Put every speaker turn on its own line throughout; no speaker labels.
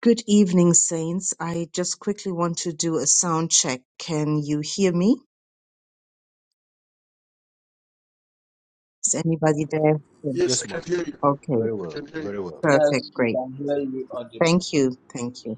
Good evening, Saints. I just quickly want to do a sound check. Can you hear me? Is anybody there? Yeah.
Yes, ma'am.
Okay,
Very well. Very well.
Yes,
perfect,
we
great.
can hear you audibly.
Thank you, thank you.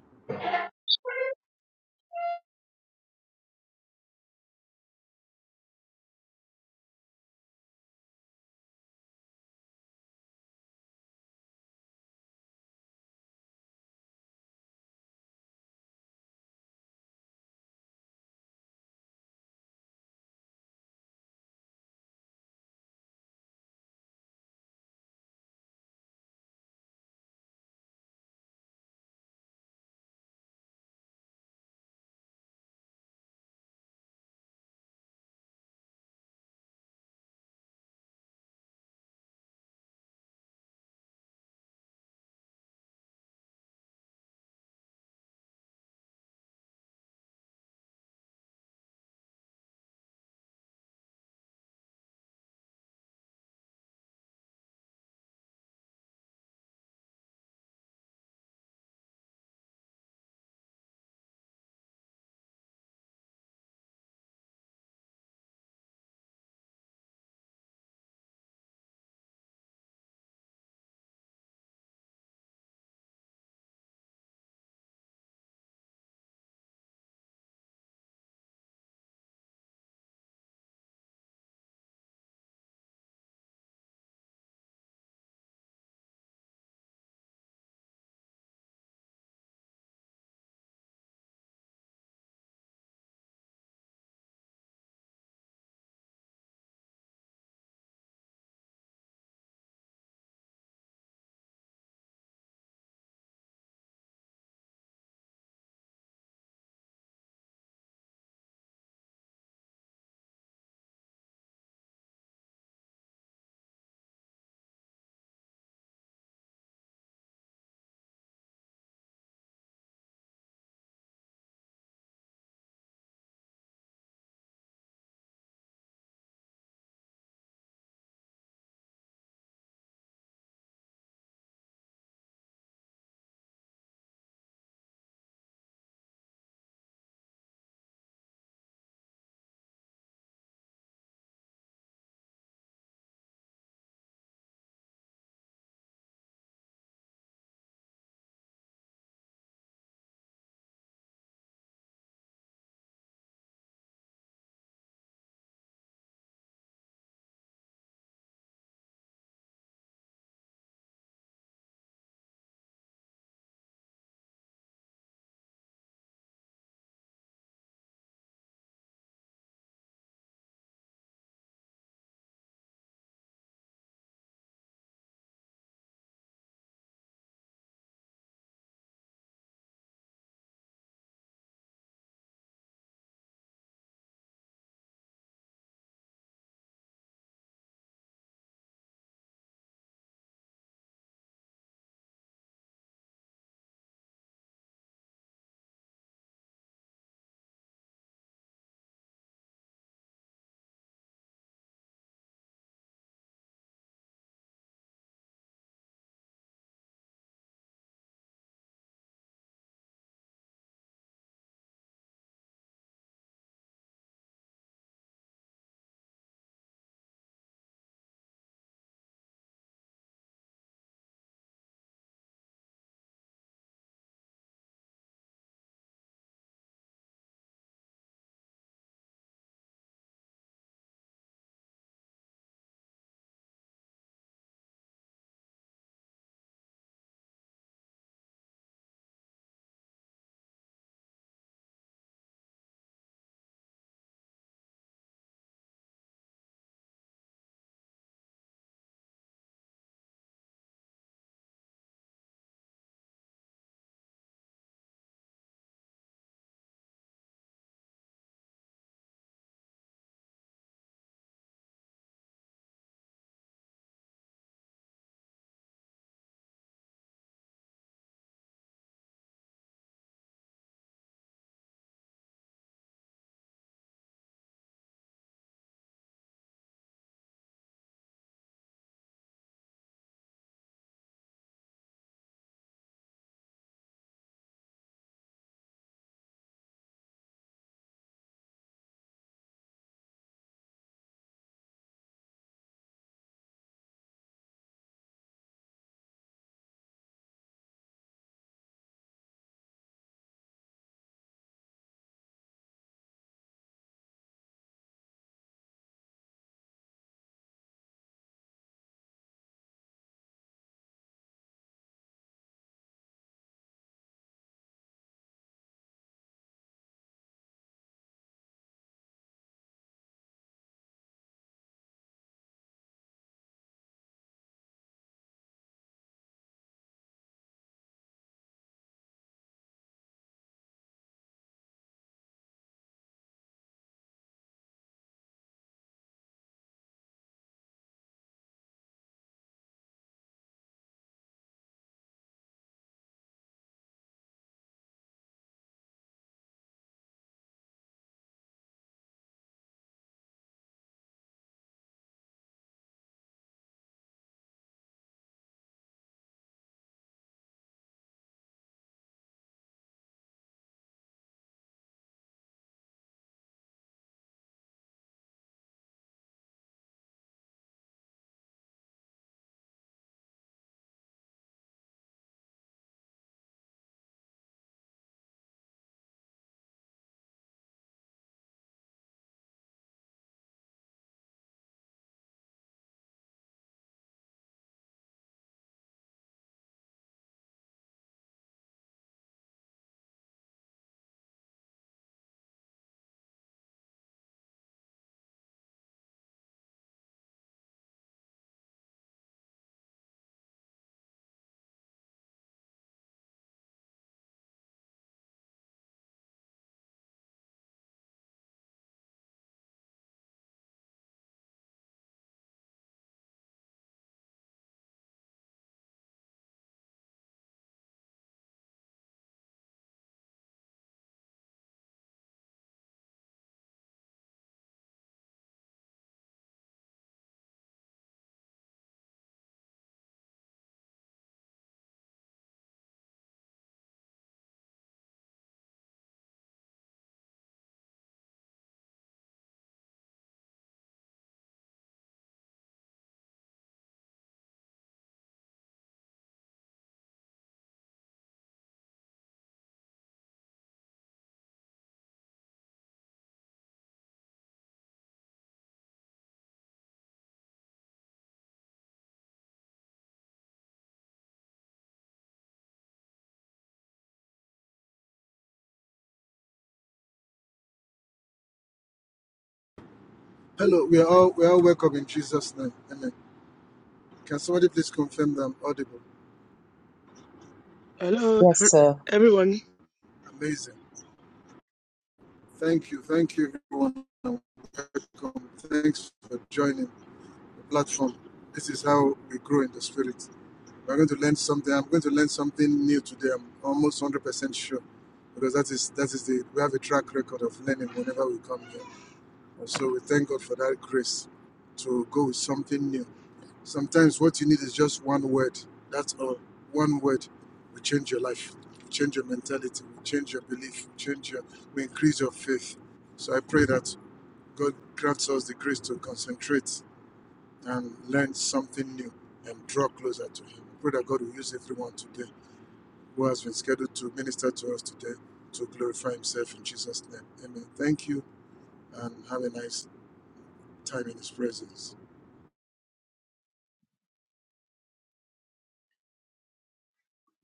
Hello,
Yes,
ev-
sir.
everyone.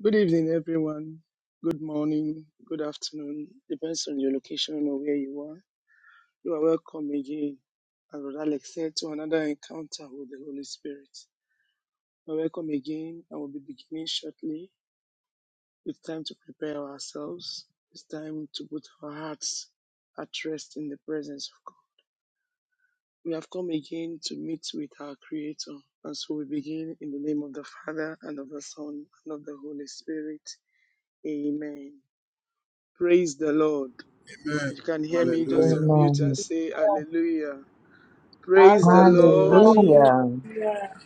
Good evening, everyone. Good morning, good afternoon. Depends on your location or where you are. You are welcome again, as Brother Alex said, to another encounter with the Holy Spirit. You are welcome again, and we'll be beginning shortly. It's time to prepare ourselves. It's time to put our hearts at rest in the presence of God. We have come again to meet with our Creator. And so we begin in the name of the Father, and of the Son, and of the Holy Spirit. Amen. Praise the Lord. If you can hear me, just unmute and
Amen.
say hallelujah. Praise the
Hallelujah.
Lord.
Hallelujah.
Hallelujah.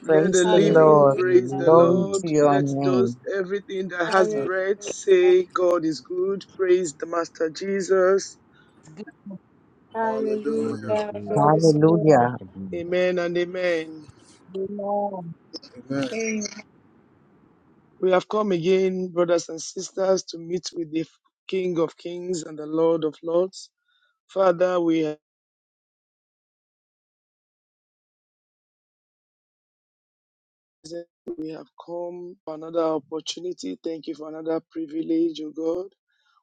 Let the
Praise the
living
Lord.
Hallelujah.
praise the
Glory
Hallelujah.
Lord.
to your
Let those,
name.
everything that has
Hallelujah.
breath say God is good. Praise the Master Jesus.
God is
Hallelujah. God
good.
is
Hallelujah.
God
Hallelujah.
is good.
Amen and amen.
Amen.
King.
We have come again, brothers and sisters, to meet with the King of Kings and the Lord of Lords. Father, we have we have come for another opportunity. Thank you for another privilege, O God.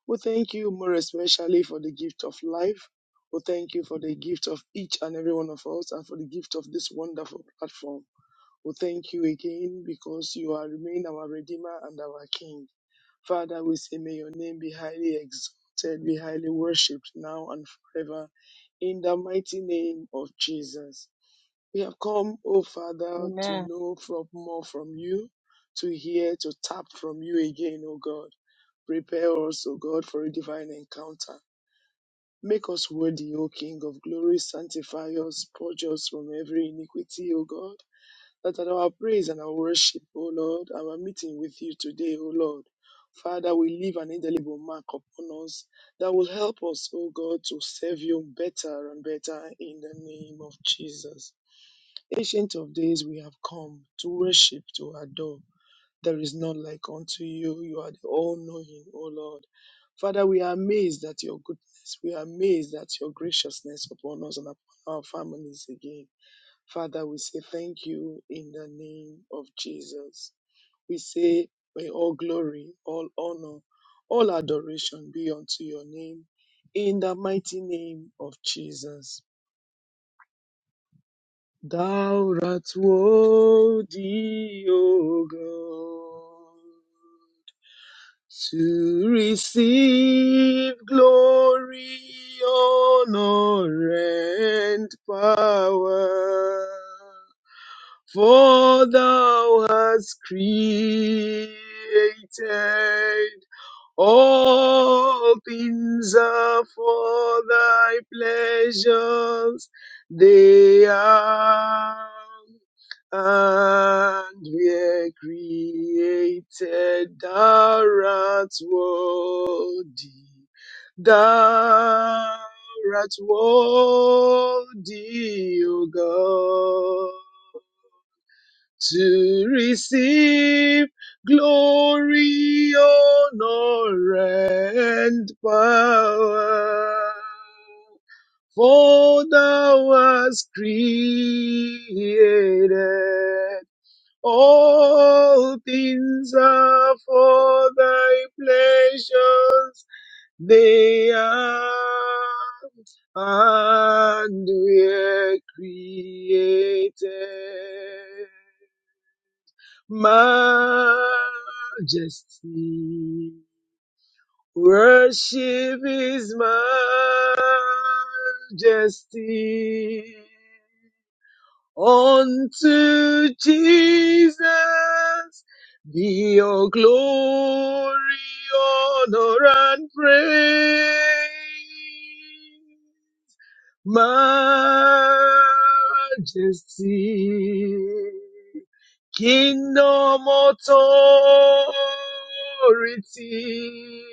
We thank you more especially for the gift of life. We thank you for the gift of each and every one of us and for the gift of this wonderful platform. We thank you again because you are remain our Redeemer and our King. Father, we say may your name be highly exalted, be highly worshipped now and forever. In the mighty name of Jesus. We have come, O Father, to
Amen.
know from more from you, to hear, to tap from you again, O God. Prepare us, O God, for a divine encounter. Make us worthy, O King of glory. Sanctify us, purge us from every iniquity, O God. That at our praise and our worship, O Lord, our meeting with you today, O Lord, Father, will leave an indelible mark upon us that will help us, O God, to serve you better and better in the name of Jesus. Ancient of days, we have come to worship, to adore. There is none like unto you. You are the all knowing, O Lord. Father, we are amazed at your goodness. We are amazed at your graciousness upon us and upon our families again. Father, we say thank you in the name of Jesus. We say, may all glory, all honor, all adoration be unto your name in the mighty name of Jesus. Thou art worthy, O God, to receive glory, honor, and power. For thou hast created all things are for thy pleasures, they are and we're created thou art worthy, thou art worthy, O God to receive glory, honor, and power. For thou hast created all things are for thy pleasures. They are and were created majesty. Worship his majesty. Unto Jesus be your glory, honor, and praise majesty, kingdom authority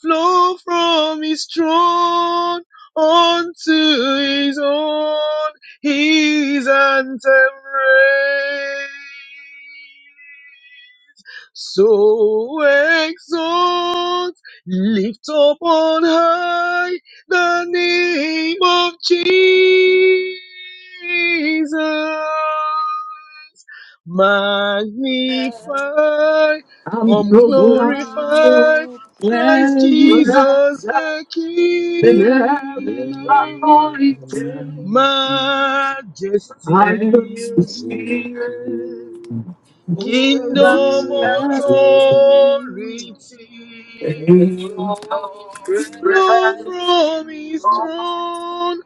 flow from his throne unto his own, his anthem raise. So exalt, lift up on high the name of Jesus. Magnify,
I'm
come
so
glorify
glad
Christ
you
Jesus the
that
King.
heaven always came and your
Majesty,
spirit moved
kingdom
around me.
authority.
In your
flow
presence,
from his
Lord,
throne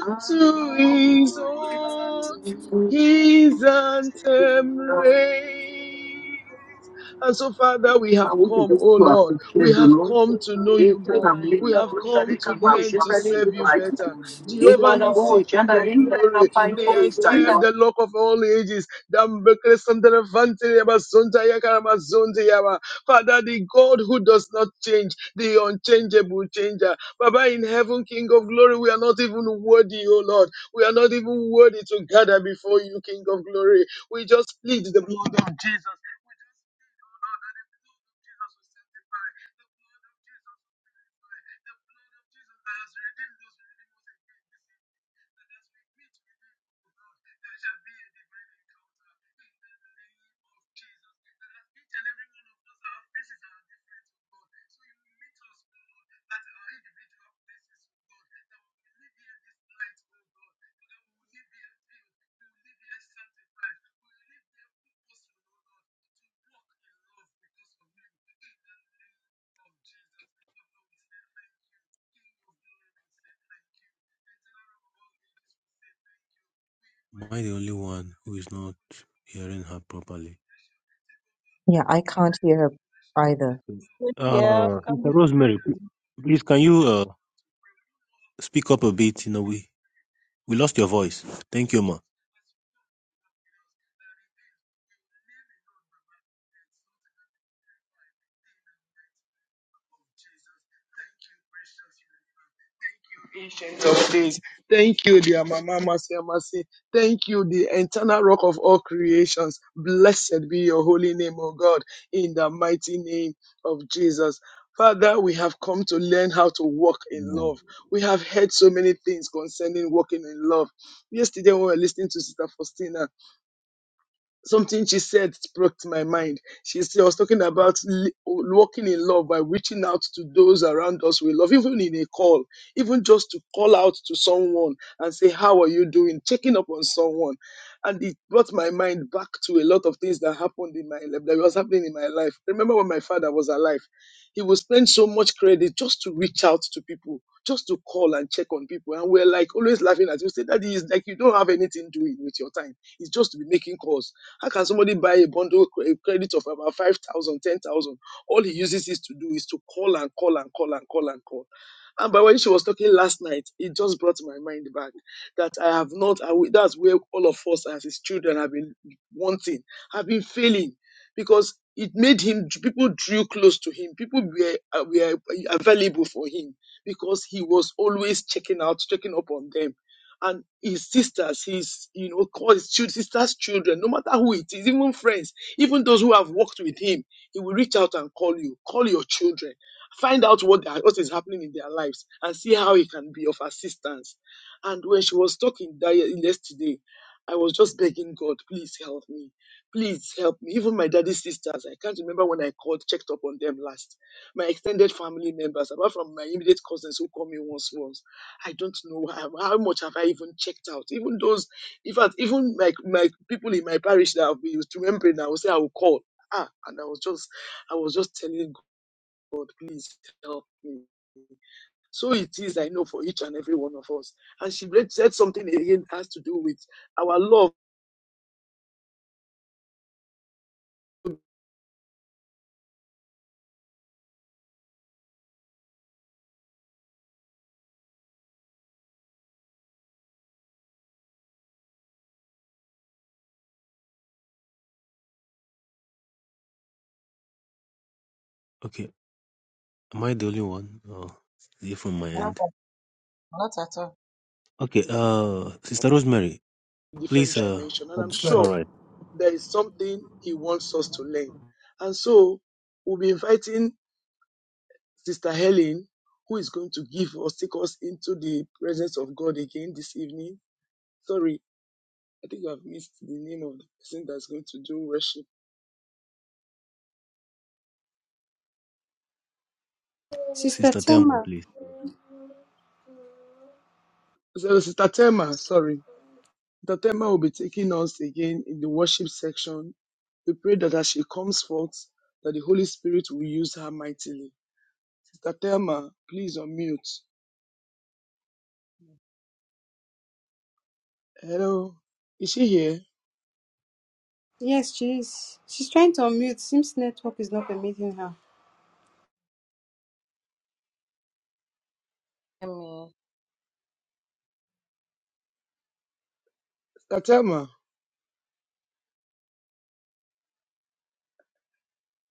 I
his
know
own.
it's you
His
will
anthem
stay.
raise. And so, Father, we have
Saúde e
come, oh
desculpa,
Lord, we
do
have
Lord.
come to know you
Entre a
more. We
linda
have
bruxa
come
de
to
caboclo,
learn to
chega ali
serve
do
you
bairro.
better.
E
Jehovah
para a
Nissi,
boa, já
King
na
of
linda, la
glory, the
pañuelo, está ahí.
entire, the Lord of all ages. Father, the God who does not change the unchangeable changer. Baba in heaven, King of glory, we are not even worthy, oh Lord. We are not even worthy to gather before you, King of glory. We just plead the blood of Jesus
Am I the only one who is not hearing her properly?
Yeah, I can't hear her either.
Good here.
Uh,
come
Sister Rosemary, p-
here.
please can you uh, speak up a bit? You know, we, we lost your voice. Thank you, ma.
of days. Thank you, dear Mama Mercy Mercy. Thank you, the eternal rock of all creations. Blessed be your holy name, O God, in the mighty name of Jesus. Father, we have come to learn how to walk in
Amen.
love. We have heard so many things concerning walking in love. Yesterday, when we were listening to Sister Faustina, something she said struck my mind. She said, I was talking about li- walking in love by reaching out to those around us we love, even in a call, even just to call out to someone and say, How are you doing? Checking up on someone. And it brought my mind back to a lot of things that happened in my life, that was happening in my life. Remember when my father was alive, he would spend so much credit just to reach out to people, just to call and check on people. And we're like always laughing at you. Say, Daddy, it's like you don't have anything doing with your time. It's just to be making calls how can somebody buy a bundle cre- a credit of about 5,000, 10,000? All he uses is to do is to call and call and call and call and call. And by when she was talking last night, it just brought my mind back that I have not, I, will- that's where all of us as his children have been wanting, have been failing because it made him, people drew close to him, people were, uh, were available for him because he was always checking out, checking up on them and his sisters, his, you know, call his children, sisters' children, no matter who it is, even friends, even those who have worked with him, he will reach out and call you, call your children, find out what, they are- what is happening in their lives and see how he can be of assistance. And when she was talking that ye- yesterday, I was just begging God, please help me. Please help me. Even my daddy's sisters, I can't remember when I called, checked up on them last. My extended family members, apart from my immediate cousins who call me once once I don't know how, how much have I even checked out. Even those, in fact, even like my people in my parish that I've been used to remembering, I will say I will call. Ah, and I was just, I was just telling God, please help me. So it is, I know, for each and every one of us. And she read- said something again has to do with our love,
Okay, am I the only one? Oh, is it from my
Not
end?
at not at all.
Okay, uh, Sister Rosemary,
in
please.
different
Uh,
dimension. And I'm
all
sure
right,
there is something He wants us to learn. And so we'll be inviting Sister Helen, who is going to give us, take us into the presence of God again this evening. Sorry, I think I've missed the name of the person that's going to do worship.
Sister
Sister Thelma,
Tema.
please.
So, Sister Tema, sorry. Sister Tema will be taking us again in the worship section. We pray that as she comes forth, that the Holy Spirit will use her mightily. Sister Thelma, please unmute.
me,
Hello. Is she here?
Yes, she is. She's trying to unmute. Seems network is not permitting her.
Hello.
Sister Thelma,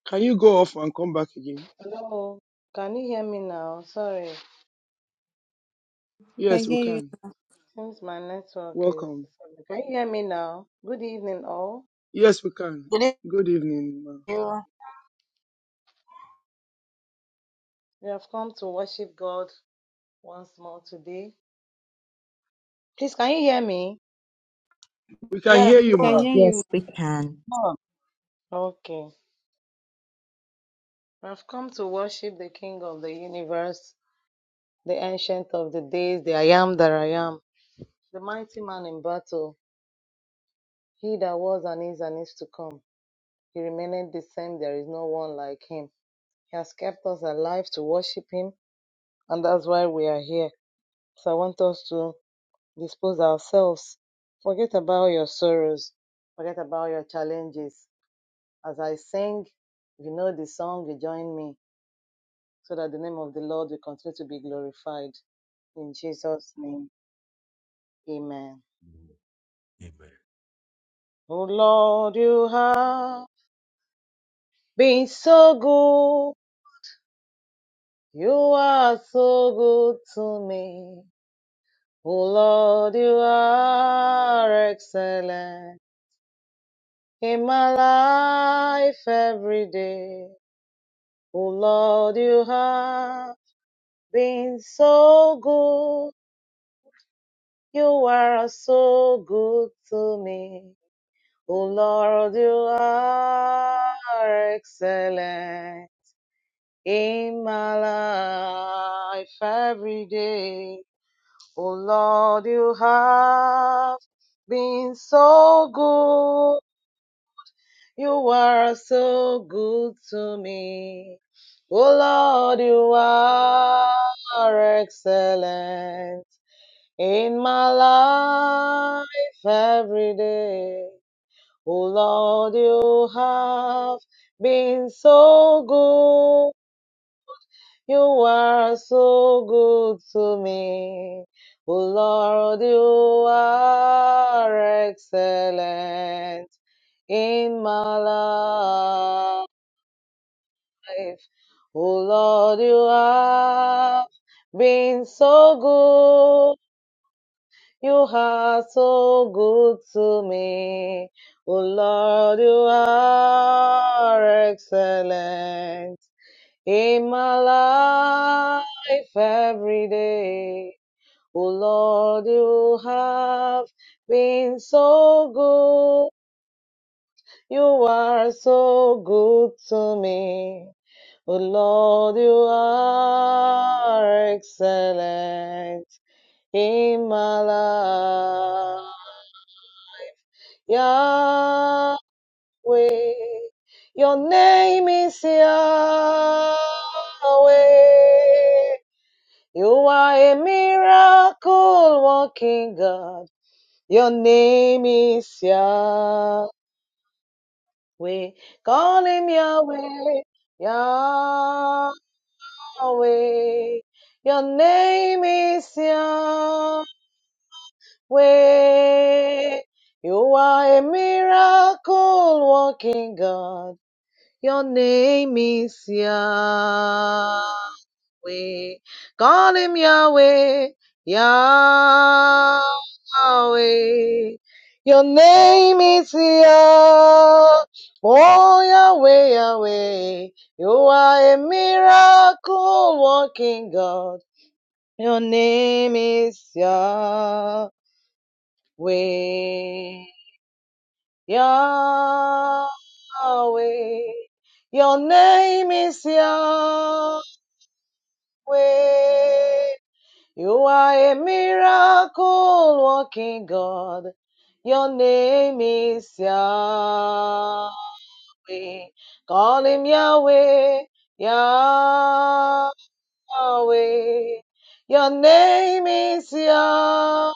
can you go off and come back again?
Can you hear me now? Sorry.
We can
Yes, we
hear you.
can.
Seems my network is.
Welcome.
disabled. Can you hear me now? Good evening, all.
Yes, we can.
Good
Good evening, ma.
you.
We have come to worship God once more today. Please, can you hear me?
We can
Yes,
hear
We
you,
go
can
on,
ma.
hear you.
Yes, we can.
go on.
Okay. We have come to worship the King of the universe, the Ancient of the Days, the I Am that I Am, the mighty man in battle, he that was and is and is to come. He remaineth the same, there is no one like him. He has kept us alive to worship him, and that's why we are here. So I want us to dispose ourselves. Forget about your sorrows. Forget about your challenges. As I sing, if you know the song, you join me so that the name of the Lord will continue to be glorified. In Jesus' name, amen.
Amen.
Oh Lord, you have been so good. You are so good to me. Oh Lord, you are excellent in my life every day. Oh Lord, you have been so good. You are so good to me. Oh Lord, you are excellent in my life every day. Oh Lord, you have been so good. You are so good to me. Oh Lord, you are excellent in my life every day. Oh Lord, you have been so good. You are so good to me. Oh Lord, you are excellent in my life. life. Oh Lord, you have been so good. You are so good to me. Oh Lord, you are excellent in my life every day. Oh Lord, you have been so good. You are so good to me. O Lord, you are excellent in my life. Yahweh, your name is Yahweh. You are a miracle working God. Your name is Yahweh. Call him Yahweh. Yahweh. Yahweh. Your name is Yahweh. You are a miracle working God. Your name is Yahweh. Call him Yahweh, Yahweh. Your name is Yah. Oh, Yahweh, Yahweh. You are a miracle working God. Your name is Yahweh. Yahweh. Your name is Yahweh. You are a miracle working God. Your name is Yahweh. Call him Yahweh. Yahweh. Yahweh. Your name is Yah.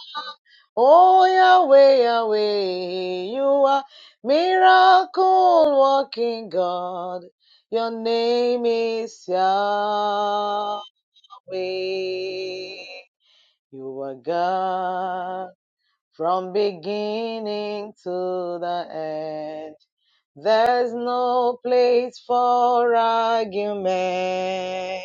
Oh Yahweh, Yahweh, you are miracle working God. Your name is Yahweh. You are God from beginning to the end. There's no place for argument.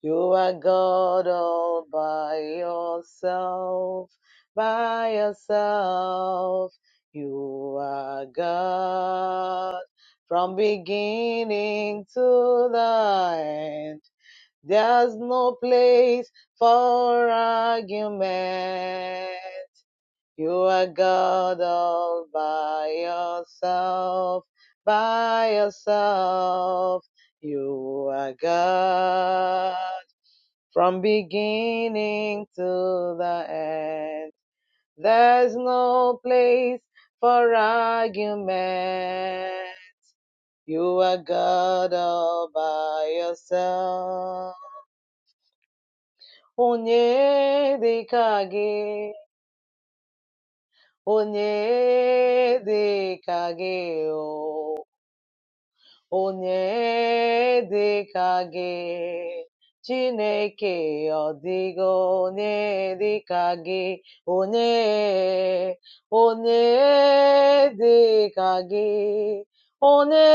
You are God all by yourself, by yourself. You are God from beginning to the end. There's no place for argument. You are God all by yourself, by yourself. You are God from beginning to the end. There's no place for argument. You are God all by yourself. Onye dịka gị, onye dịka gị, o. onye dị ka gị Chineke ọ dịgo onye dị ka gị onye onye dị ka gị onye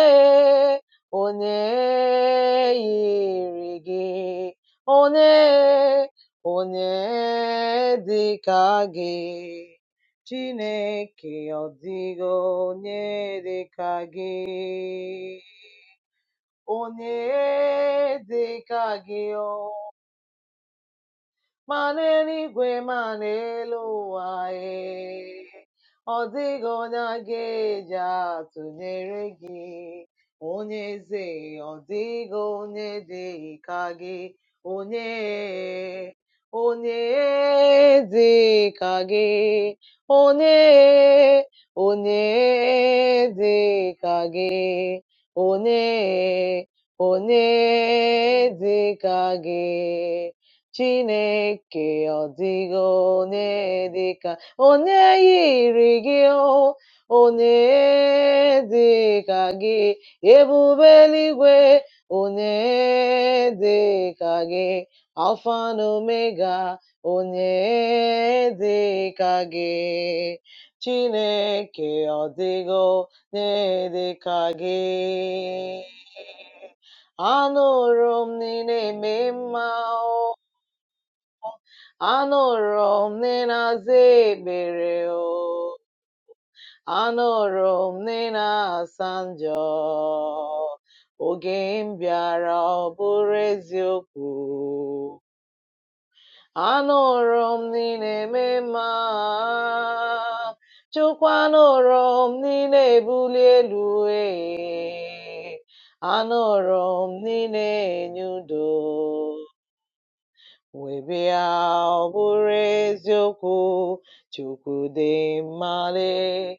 onye yiri gị onye onye dị gị Chineke ọ dịghị onye dị ka gị, onye dị ka gị. o ma n'eluigwe ma n'elu ụwa ee ọ dịghị onye a ga-eji atụnyere gị onye eze ọ dịghị onye dị ka gị onye onye dị ka gị onye onye dị ka gị onye onye dị ka gị Chineke ọ dịghị onye dị ka onye yiri gị o onye dị ka gị ebube eluigwe onye dị ka gị alfa na omega onye dị ka gị Chineke ọ dịghị onye dị ka gị anụrụ m na ị na-eme mma o Anụrụ m na ị na-aza ekpere o, anụrụ m na njọ. Oge m bịara ọ bụrụ eziokwu. Anụrụ m na ị na-eme mma. Chukwu anụrụ m na na-ebuli elu ee. Anụrụ m na na na-enye udo. Webịa bụrụ eziokwu, Chukwu dị mma lee,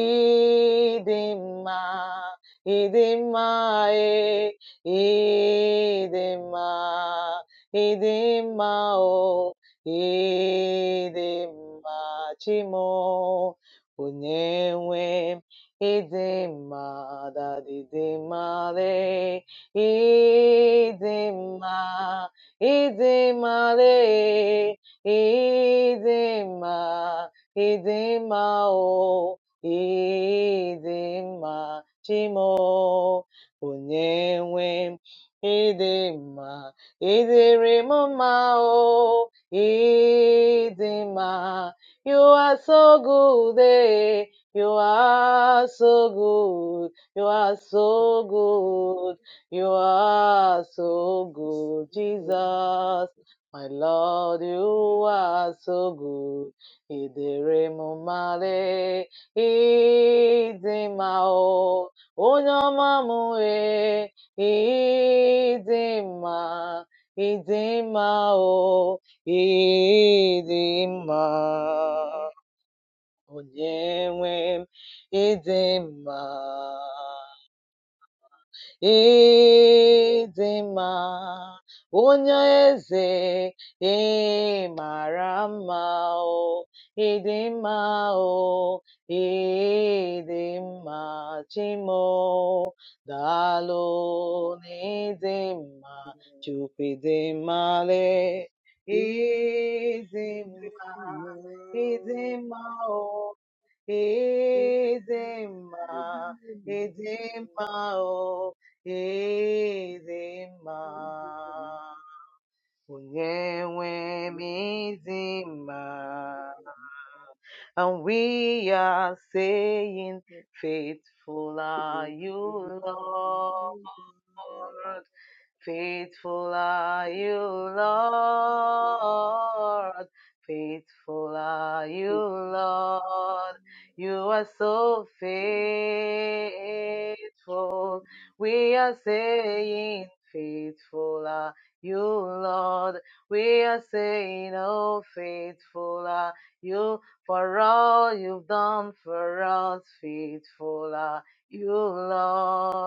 ịdị mma, ịdị mma ee, ịdị mma, ịdị mma o, ịdị mma Chimo, onye nwe m, ịdị mma, that ịdị mma lee, ịdị mma. Idema le, idema, idema o, idema chimo, onyewe, idema, idirimo ma o, idema. You are so good, eh? You are so good. You are so good. You are so
Yes,
good,
Lord.
Jesus. My Lord, you are so good. Idere mumare, idimao, onyamamue, idima, idimao, idima, onyemwem, idima. Ịdị mma, onye eze ị mara mma o, ịdị mma o, ịdị mma Chimo, daalụ n'ịdị mma, Chukwu ịdị mmale,
Evening,
ịdị mma,
Lord. Evening,
ịdị
Lord.
mma o. Ezema, Ezema, oh, Ezema. Onyewe mizima. And we are saying, faithful are you,
Faithful are you, Lord.
Lord. Faithful are you, Lord. Faithful are you, Lord. You are so faithful. We are saying, Faithful are you, Lord. We are saying, Oh, faithful are you for all you've done for us. Faithful are you, Lord.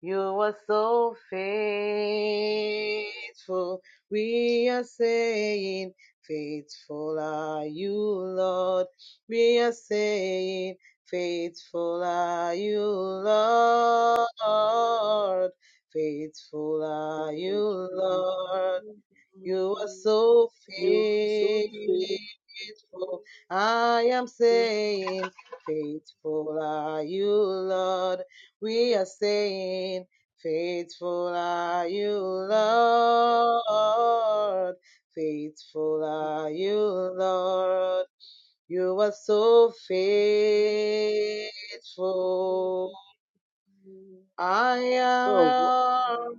You are so faithful. We are saying, Faithful are you, Lord. We are saying, Faithful are you, Lord. Faithful are you, Lord. You are so
You are so
faithful. I am
faithful.
saying, faithful are you, Lord. We are saying, faithful are you, Lord. Faithful
Oh,
are you, Lord. You are so faithful. I am
wow,
your,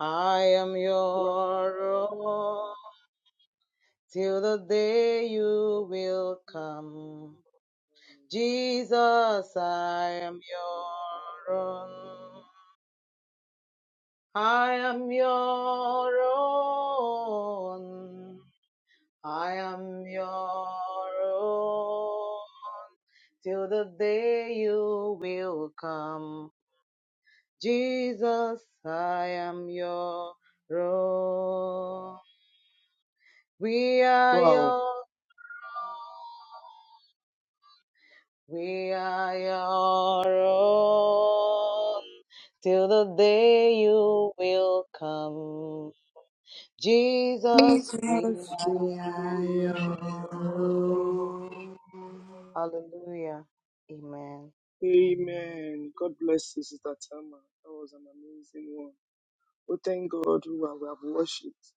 I am
wow,
your own. till the day you will come. Jesus, I am your own. I am your own. I am your own. Till the day you will come. Jesus, I am your own. We are
wow.
your own. We are your own till the day you will come. Jesus, we
Jesus,
are
we are
We
your
are
your
your...
own.
own.
Hallelujah. Amen.
Amen. God bless you, Sister Tama. That was an amazing one. We thank God who are- we have worshipped.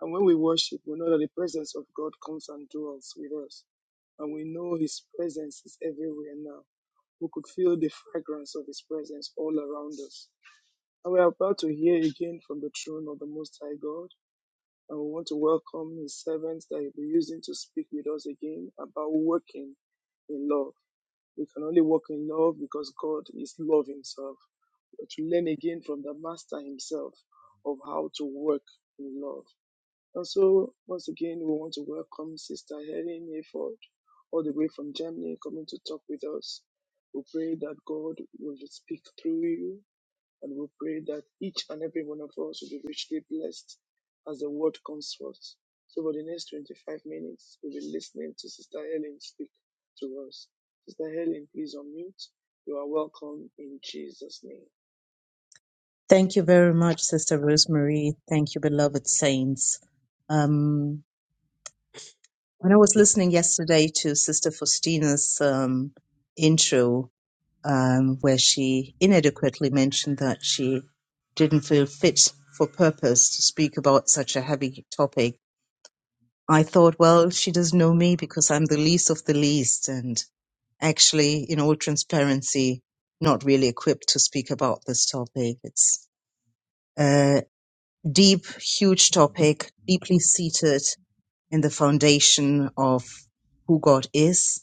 And when we worship, we know that the presence of God comes and dwells with us. And we know His presence is everywhere now. We could feel the fragrance of His presence all around us. And we are about to hear again from the throne of the Most High God. And we want to welcome His servants that He'll be using to speak with us again about working in love. We can only work in love because God is love Himself. But to learn again from the Master Himself of how to work in love. And so, once again, we want to welcome Sister Helen Hayford, all the way from Germany, coming to talk with us. We pray that God will speak through you and we pray that each and every one of us will be richly blessed as the word comes forth. So for the next 25 minutes, we'll be listening to Sister Helen speak to us. Sister Helen, please unmute. You are welcome in Jesus' name.
Thank you very much, Sister Rosemary. Thank you, beloved saints. Um. When I was listening yesterday to Sister Faustina's um, intro, um, where she inadequately mentioned that she didn't feel fit for purpose to speak about such a heavy topic, I thought, well, she doesn't know me because I'm the least of the least, and actually, in all transparency, not really equipped to speak about this topic. It's a deep, huge topic, deeply seated in the foundation of who God is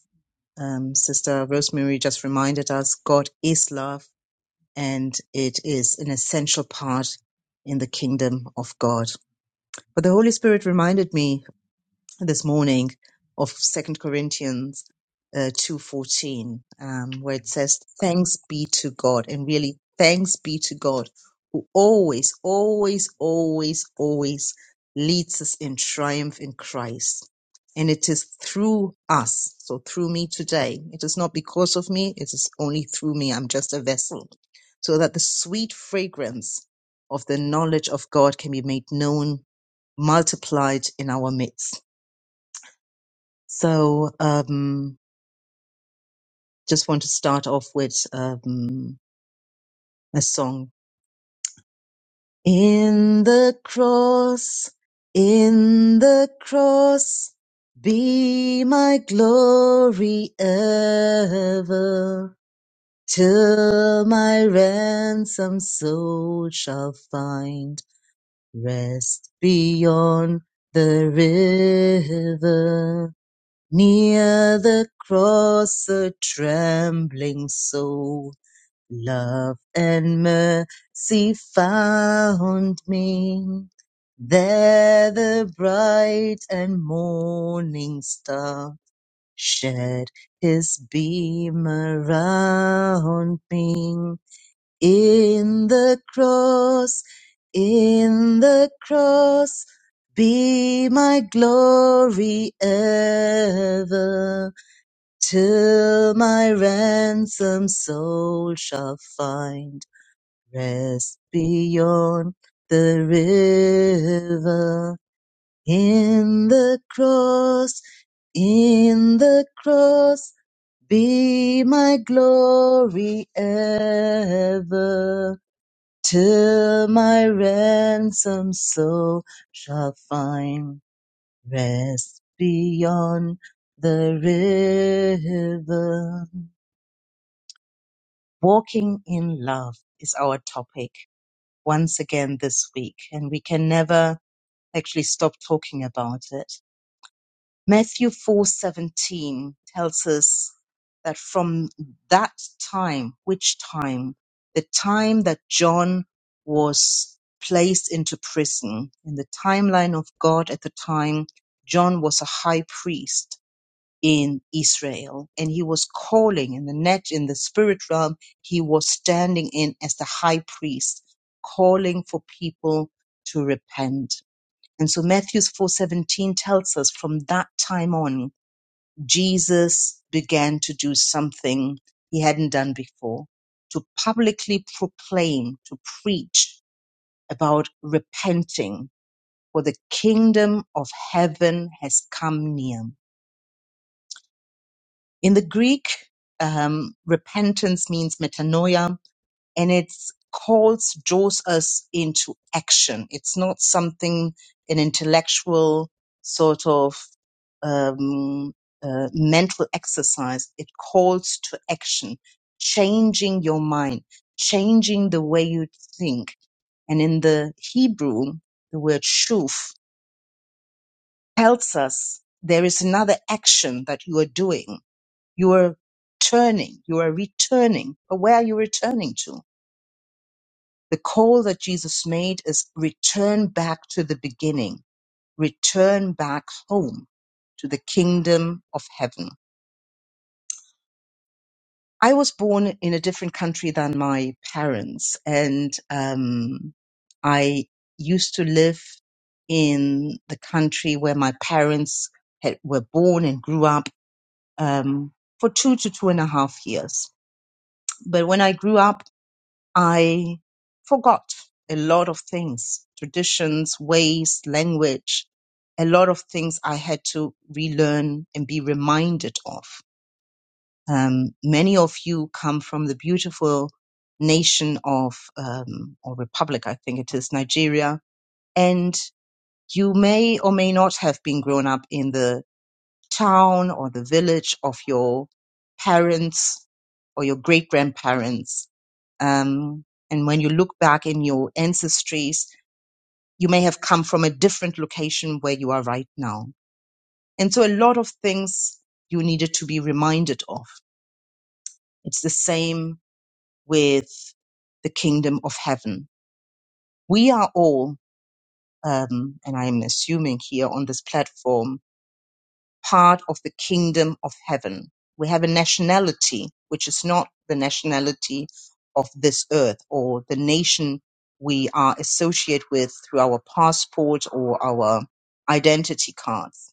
um, Sister Rosemary just reminded us, God is love and it is an essential part in the kingdom of God. But the Holy Spirit reminded me this morning of Second Corinthians uh, two fourteen, um, where it says, "Thanks be to God," and really, thanks be to God who always, always, always, always leads us in triumph in Christ. And it is through us, so through me today. It is not because of me; it is only through me. I'm just a vessel, so that the sweet fragrance of the knowledge of God can be made known, multiplied in our midst. So um, just want to start off with um, a song. In the cross, in the cross, be my glory ever, till my ransom soul shall find rest beyond the river. Near the cross, a trembling soul Love and mercy found me. There the bright and morning star shed his beam around me. In the cross, in the cross, be my glory ever, till my ransom soul shall find Rest beyond the river, in the cross, in the cross, be my glory ever, till my ransom soul shall find rest beyond the river. Walking in love is our topic. once again this week, and we can never actually stop talking about it. Matthew 4:17 tells us that from that time, which time? The time that John was placed into prison. In the timeline of God at the time, John was a high priest in Israel and he was calling in the net in the spirit realm he was standing in as the high priest calling for people to repent and so Matthew's 4:17 tells us from that time on Jesus began to do something he hadn't done before to publicly proclaim to preach about repenting for the kingdom of heaven has come near In the Greek, um, repentance means metanoia, and it calls, draws us into action. It's not something an intellectual sort of um, uh, mental exercise. It calls to action, changing your mind, changing the way you think. And in the Hebrew, the word shuf tells us there is another action that you are doing you are turning, you are returning. But where are you returning to? The call that Jesus made is return back to the beginning, return back home to the kingdom of heaven. I was born in a different country than my parents, and um, I used to live in the country where my parents had, were born and grew up um, for two to two and a half years. But when I grew up, I forgot a lot of things, traditions, ways, language, a lot of things I had to relearn and be reminded of. Um, many of you come from the beautiful nation of, um, or republic, I think it is, Nigeria, and you may or may not have been grown up in the town or the village of your parents or your great grandparents. Um, and when you look back in your ancestries, you may have come from a different location where you are right now. And so a lot of things you needed to be reminded of. It's the same with the kingdom of heaven. We are all, um, and I'm assuming here on this platform, part of the kingdom of heaven. We have a nationality which is not the nationality of this earth or the nation we are associated with through our passport or our identity cards.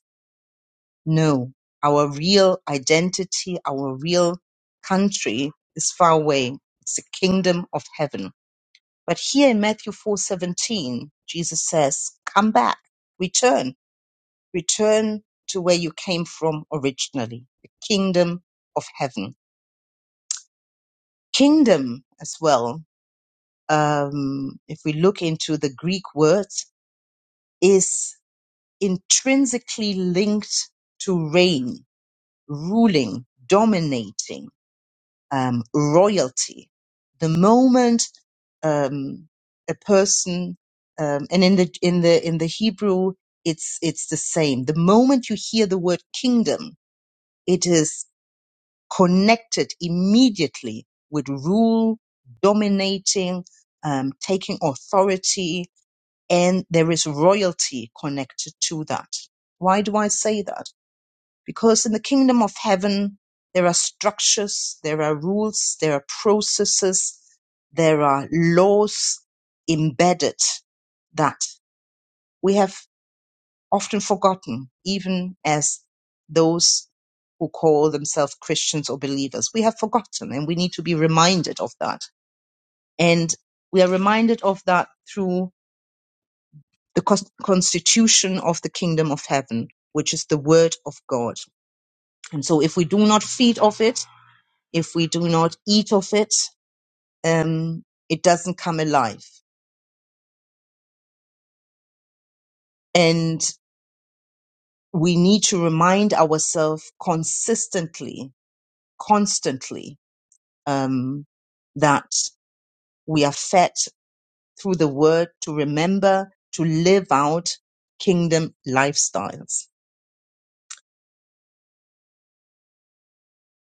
No, our real identity, our real country is far away. It's the kingdom of heaven. But here in Matthew 4:17, Jesus says, "Come back, return Return to where you came from originally, the kingdom of heaven. Kingdom as well, um, if we look into the Greek words, is intrinsically linked to reign, ruling, dominating, um, royalty. The moment um, a person, um, and in the in the in the Hebrew, it's it's the same. The moment you hear the word kingdom, it is. connected immediately with rule, dominating, um, taking authority, and there is royalty connected to that. Why do I say that? Because in the kingdom of heaven, there are structures, there are rules, there are processes, there are laws embedded that we have often forgotten, even as those who call themselves Christians or believers. We have forgotten and we need to be reminded of that. And we are reminded of that through the cons- constitution of the kingdom of heaven, which is the word of God. And so if we do not feed off it, if we do not eat of it, um, it doesn't come alive. And we need to remind ourselves consistently, constantly um, that we are fed through the word to remember to live out kingdom lifestyles.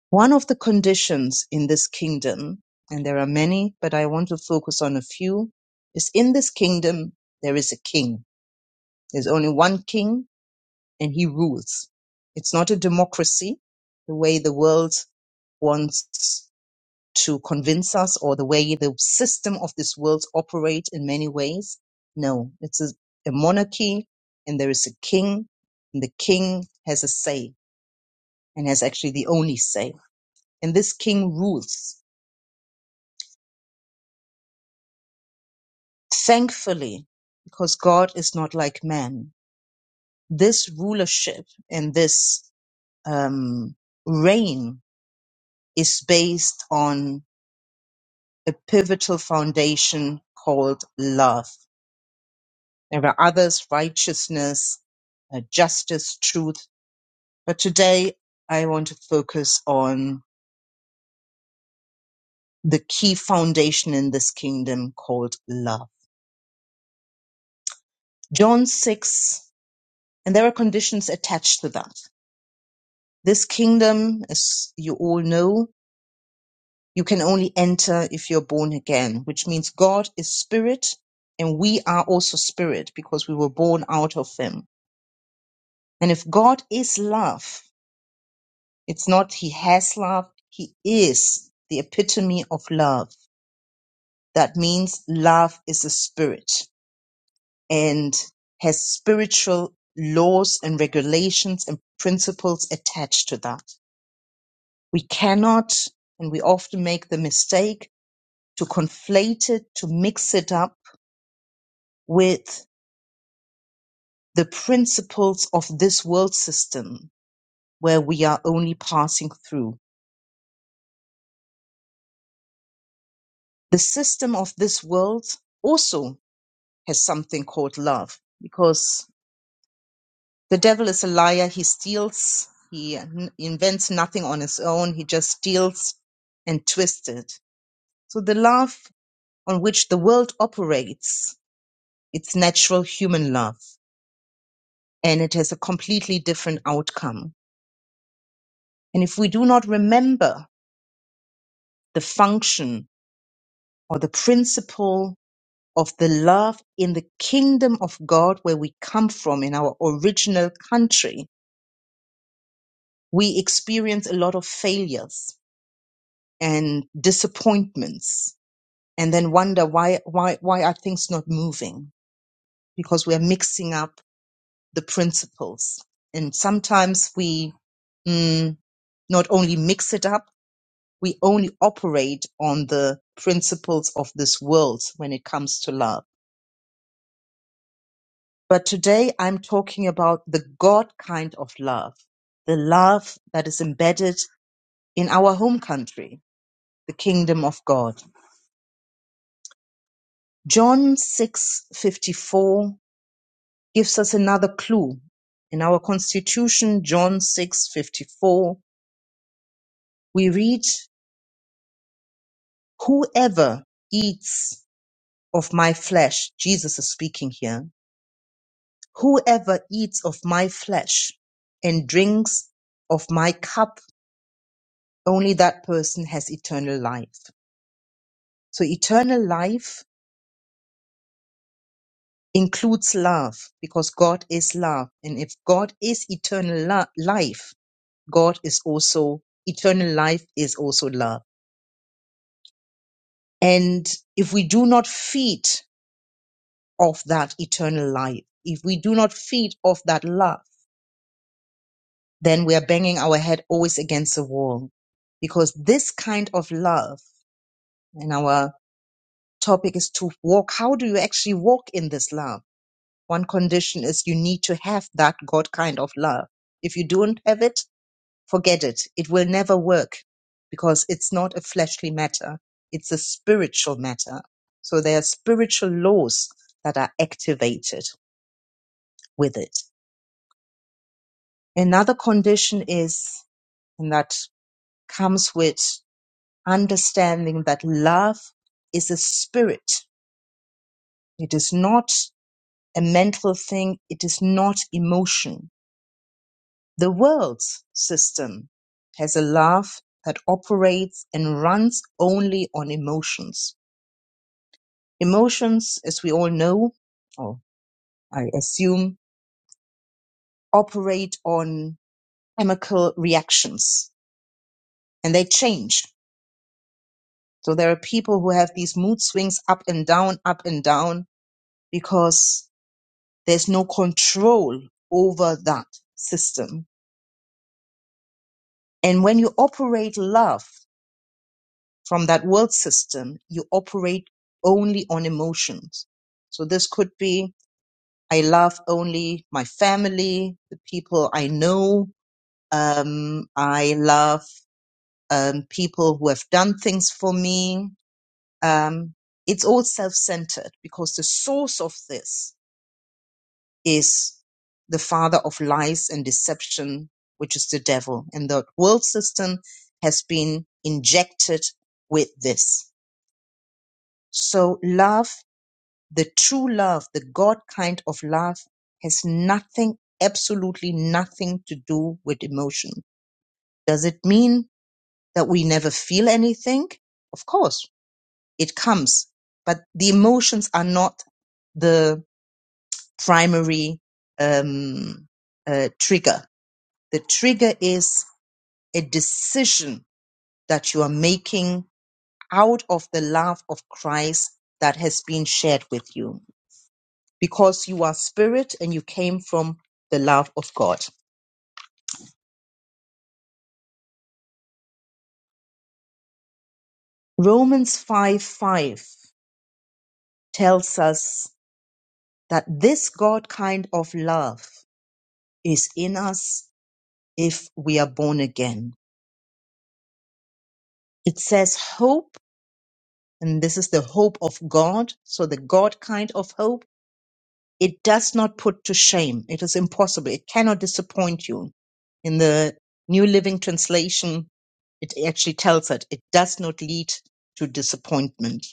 One of the conditions in this kingdom, and there are many, but I want to focus on a few, is in this kingdom, there is a king. There's only one king and he rules. It's not a democracy the way the world wants to convince us or the way the system of this world operate in many ways. No, it's a, a monarchy and there is a king and the king has a say and has actually the only say. And this king rules. Thankfully, because God is not like man, this rulership and this um, reign is based on a pivotal foundation called love There were others, righteousness, uh, justice, truth. But today I want to focus on the key foundation in this kingdom called love. John 6, and there are conditions attached to that. This kingdom, as you all know, you can only enter if you're born again, which means God is spirit and we are also spirit because we were born out of him. And if God is love, It's not he has love, he is the epitome of love. That means love is a spirit and has spiritual laws and regulations and principles attached to that. We cannot, and we often make the mistake to conflate it, to mix it up with the principles of this world system where we are only passing through. The system of this world also has something called love because the devil is a liar. He steals, he n- invents nothing on his own, he just steals and twists it. So the love on which the world operates, it's natural human love, and it has a completely different outcome. And if we do not remember the function or the principle of the love in the kingdom of God where we come from in our original country, we experience a lot of failures and disappointments and then wonder why why why are things not moving because we're mixing up the principles and sometimes we mm, not only mix it up we only operate on the principles of this world when it comes to love but today i'm talking about the god kind of love the love that is embedded in our home country the kingdom of god John 6:54 gives us another clue. In our constitution, John 6:54, we read, "Whoever eats of my flesh," Jesus is speaking here, "whoever eats of my flesh and drinks of my cup, only that person has eternal life." So eternal life includes love because God is love. And if God is eternal lo- life, God is also eternal life is also love. And if we do not feed off that eternal life, if we do not feed off that love, then we are banging our head always against the wall. Because this kind of love, and our topic is to walk, how do you actually walk in this love? One condition is you need to have that God kind of love. If you don't have it, Forget it. It will never work because it's not a fleshly matter. It's a spiritual matter. So there are spiritual laws that are activated with it. Another condition is, and that comes with understanding that love is a spirit. It is not a mental thing. It is not emotion. The world system has a love that operates and runs only on emotions Emotions, as we all know, or I assume, operate on chemical reactions and they change. So there are people who have these mood swings up and down, up and down, because there's no control over that system. And when you operate love from that world system, you operate only on emotions. So this could be, I love only my family, the people I know, Um, I love um, people who have done things for me. Um, it's all self centered because the source of this is the father of lies and deception, which is the devil. And the world system has been injected with this. So, love, the true love, the God kind of love, has nothing, absolutely nothing to do with emotion. Does it mean that we never feel anything. Of course, it comes, but the emotions are not the primary um, uh, trigger. The trigger is a decision that you are making out of the love of Christ that has been shared with you because you are spirit and you came from the love of God. Romans 5 5 tells us that this God kind of love is in us if we are born again. It says hope, and this is the hope of God. So the God kind of hope, it does not put to shame. It is impossible. It cannot disappoint you. In the New Living Translation, it actually tells it, it does not lead to disappointment.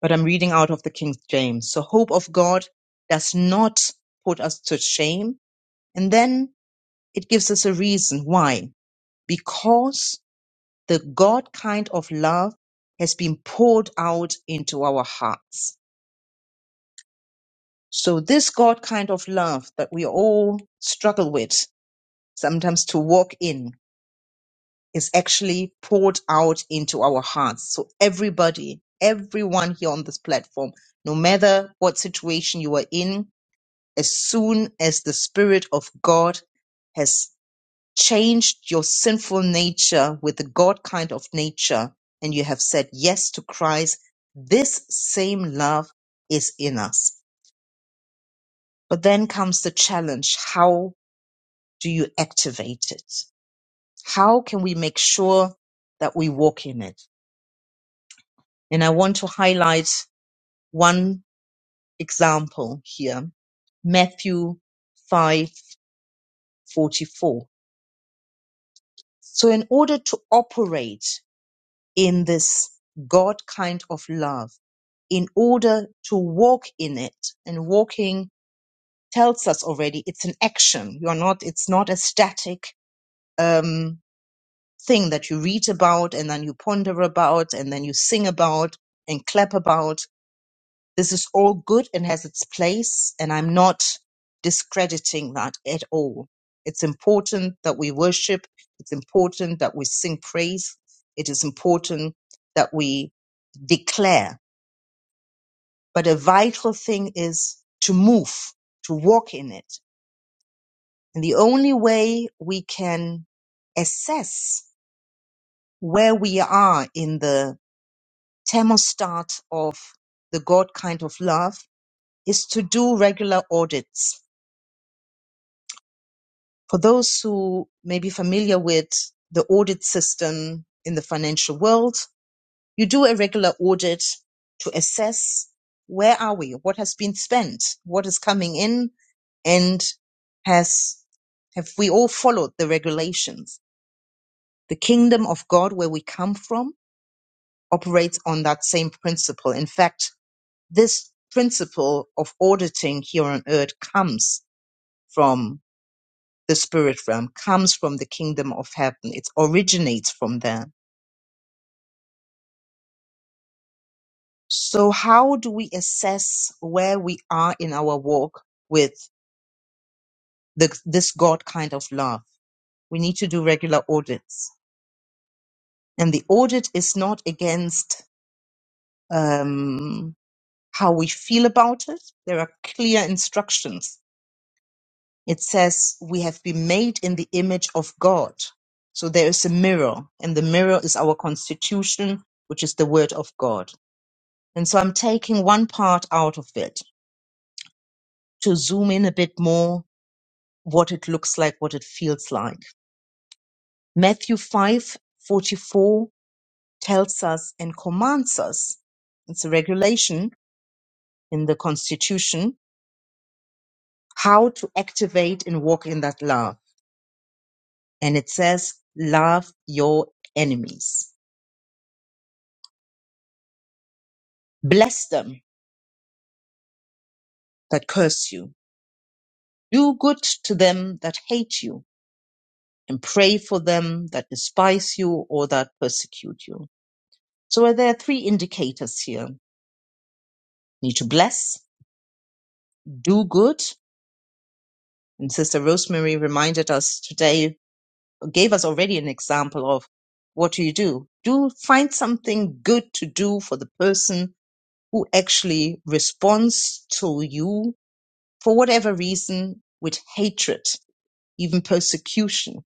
But I'm reading out of the King James. So hope of God does not put us to shame. And then it gives us a reason why. Because The God kind of love has been poured out into our hearts. So, this God kind of love that we all struggle with sometimes to walk in is actually poured out into our hearts. So, everybody, everyone here on this platform, no matter what situation you are in, as soon as the Spirit of God has. changed your sinful nature with the God kind of nature, and you have said yes to Christ, this same love is in us. But then comes the challenge how do you activate it? How can we make sure that we walk in it? And I want to highlight one example here Matthew 5 44. So, in order to operate in this God kind of love, in order to walk in it. And walking tells us already it's an action. You're not, it's not a static um, thing that you read about and then you ponder about and then you sing about and clap about. This is all good and has its place. And I'm not discrediting that at all. It's important that we worship. It's important that we sing praise. It is important that we declare But a vital thing is to move, to walk in it. And the only way we can assess where we are in the thermostat of the God kind of love is to do regular audits. For those who may be familiar with the audit system in the financial world, You do a regular audit to assess where are we, what has been spent, what is coming in, and has have we all followed the regulations? The kingdom of God, where we come from, operates on that same principle. In fact, this principle of auditing here on earth comes from the spirit realm, comes from the kingdom of heaven. It originates from there. So how do we assess where we are in our walk with the, this God kind of love? We need to do regular audits. And the audit is not against um, how we feel about it. There are clear instructions. It says we have been made in the image of God. So there is a mirror, and the mirror is our constitution, which is the word of God. And so I'm taking one part out of it to zoom in a bit more what it looks like, what it feels like. Matthew 5 44 tells us and commands us, it's a regulation in the Constitution, how to activate and walk in that love. And it says, Love your enemies, bless them that curse you, do good to them that hate you, and pray for them that despise you or that persecute you. So there are three indicators here need to bless, do good, And Sister Rosemary reminded us today, gave us already an example of what do you do? Do find something good to do for the person who actually responds to you for whatever reason with hatred, even persecution.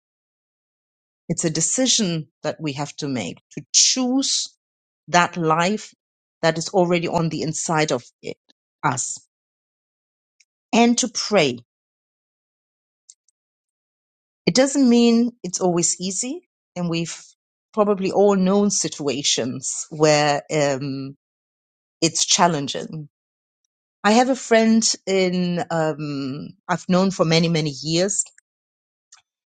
It's a decision that we have to make to choose that life that is already on the inside of it, us and to pray It doesn't mean it's always easy, and we've probably all known situations where um, it's challenging. I have a friend in um, I've known for many many years,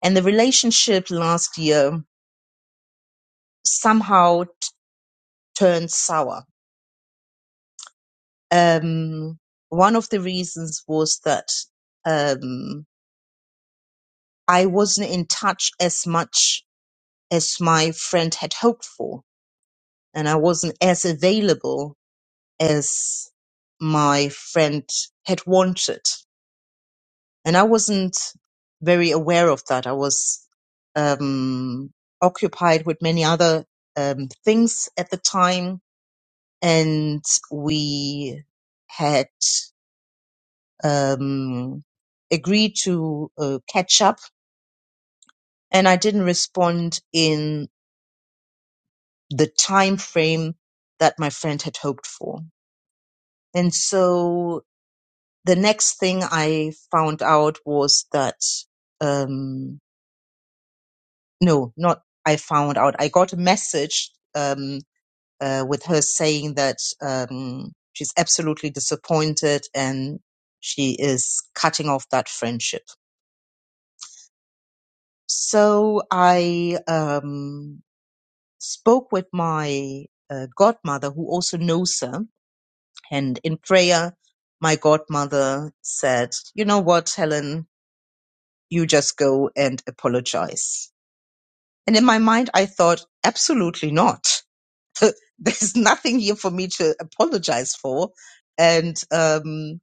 and the relationship last year somehow t- turned sour. Um, one of the reasons was that um, I wasn't in touch as much as my friend had hoped for, and I wasn't as available as my friend had wanted. And I wasn't very aware of that. I was um, occupied with many other um, things at the time. And we had um, agreed to uh, catch up. And I didn't respond in the time frame that my friend had hoped for. And so the next thing I found out was that um, no, not I found out. I got a message um, uh, with her saying that um, she's absolutely disappointed and she is cutting off that friendship. So I um, spoke with my uh, godmother, who also knows her, and in prayer, my godmother said, "You know what, Helen." You just go and apologize And in my mind, I thought, absolutely not. There's nothing here for me to apologize for. And um,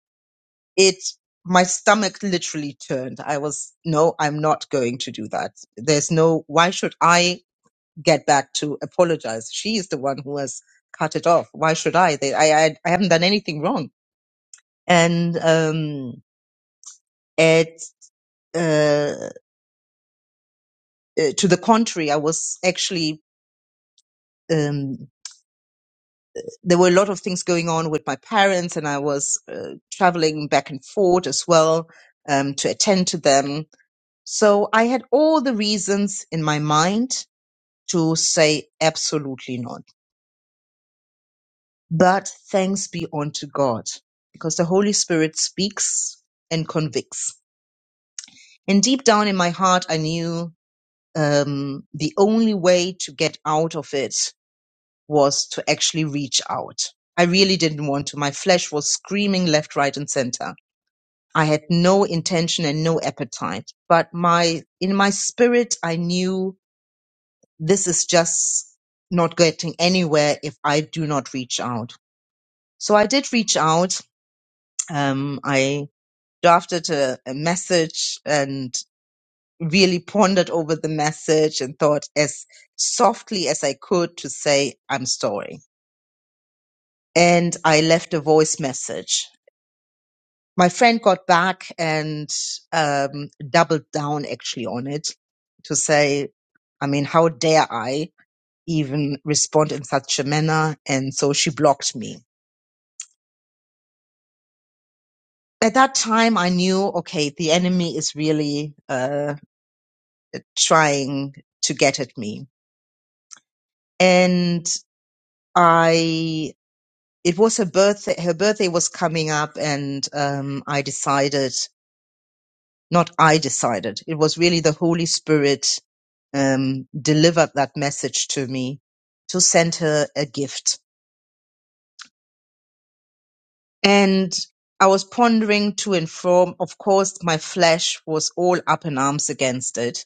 it, my stomach literally turned. I was, no, I'm not going to do that. There's no, why should I get back to apologize? She is the one who has cut it off. Why should I? They, I, I, I haven't done anything wrong. And um, it, uh, uh, to the contrary, I was actually um, there were a lot of things going on with my parents, and I was uh, traveling back and forth as well um, to attend to them. So I had all the reasons in my mind to say absolutely not. But thanks be unto God, because the Holy Spirit speaks and convicts. And deep down in my heart, I knew um, the only way to get out of it was to actually reach out. I really didn't want to. My flesh was screaming left, right, and center I had no intention and no appetite. But my in my spirit, I knew this is just not getting anywhere if I do not reach out. So I did reach out. Um, I drafted a, a message and really pondered over the message and thought as softly as I could to say I'm sorry. And I left a voice message my friend got back and um, doubled down actually on it to say, I mean, how dare I even respond in such a manner? And so she blocked me. At that time, I knew, okay, the enemy is really uh, trying to get at me. And I, it was her birthday, her birthday was coming up and um, I decided Not I decided. It was really the Holy Spirit um, delivered that message to me to send her a gift. And I was pondering to and from. Of course, my flesh was all up in arms against it,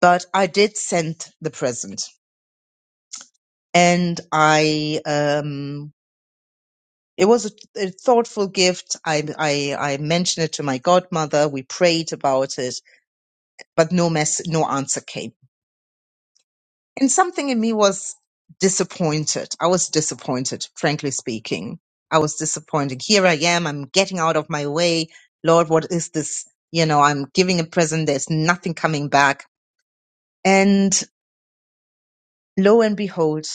but I did send the present. And I, um, it was a, a thoughtful gift. I, I, I mentioned it to my godmother. We prayed about it, but no mess, no answer came And something in me was disappointed. I was disappointed, frankly speaking. I was disappointed. Here I am. I'm getting out of my way. Lord, what is this? You know, I'm giving a present. There's nothing coming back. And lo and behold,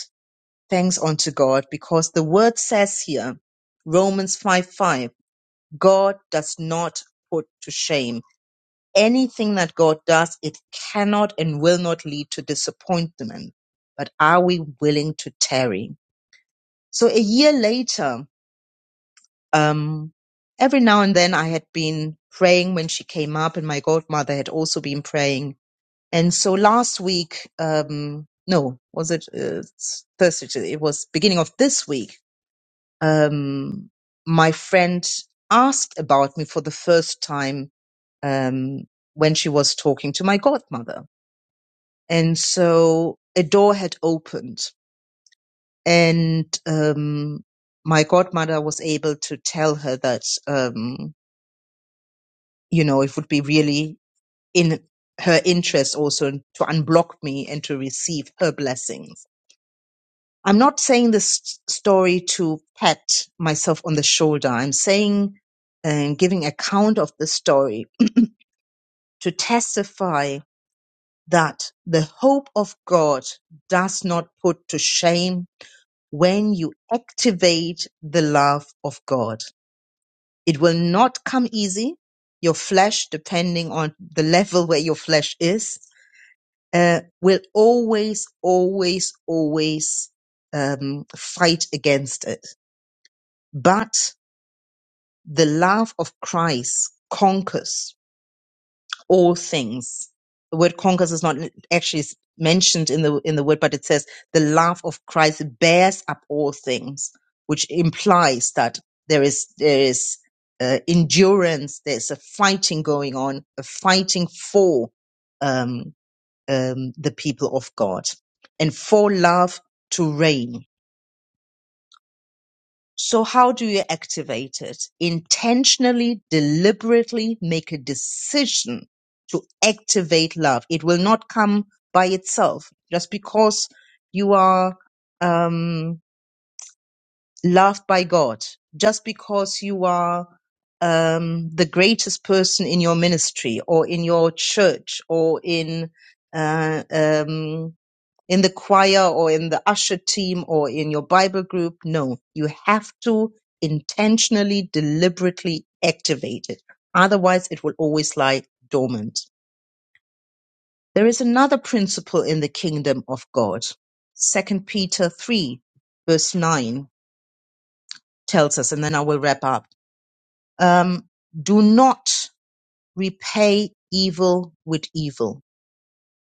thanks unto God, because the word says here, Romans 5 5, God does not put to shame. Anything that God does, it cannot and will not lead to disappointment. But are we willing to tarry? So a year later, um, every now and then I had been praying when she came up, and my godmother had also been praying. And so last week, um, no, was it uh, Thursday? It was beginning of this week. Um, my friend asked about me for the first time um, when she was talking to my godmother, and so a door had opened and um, my godmother was able to tell her that um, you know it would be really in her interest also to unblock me and to receive her blessings. I'm not saying this story to pat myself on the shoulder. I'm saying and giving account of the story to testify that the hope of God does not put to shame when you activate the love of God It will not come easy. Your flesh, depending on the level where your flesh is, uh, will always, always, always um, fight against it. But the love of Christ conquers all things. The word conquers is not actually s- mentioned in the in the word, but it says the love of Christ bears up all things, which implies that there is there is uh, endurance, there's a fighting going on, a fighting for um, um, the people of God, and for love to reign so how do you activate it? Intentionally, deliberately make a decision to activate love. It will not come by itself just because you are um, loved by God, just because you are um, the greatest person in your ministry or in your church or in uh, um, in the choir or in the usher team or in your Bible group. No, you have to intentionally, deliberately activate it. Otherwise, it will always lie dormant. There is another principle in the kingdom of God. Second Peter 3, verse 9 tells us, and then I will wrap up. Um, do not repay evil with evil.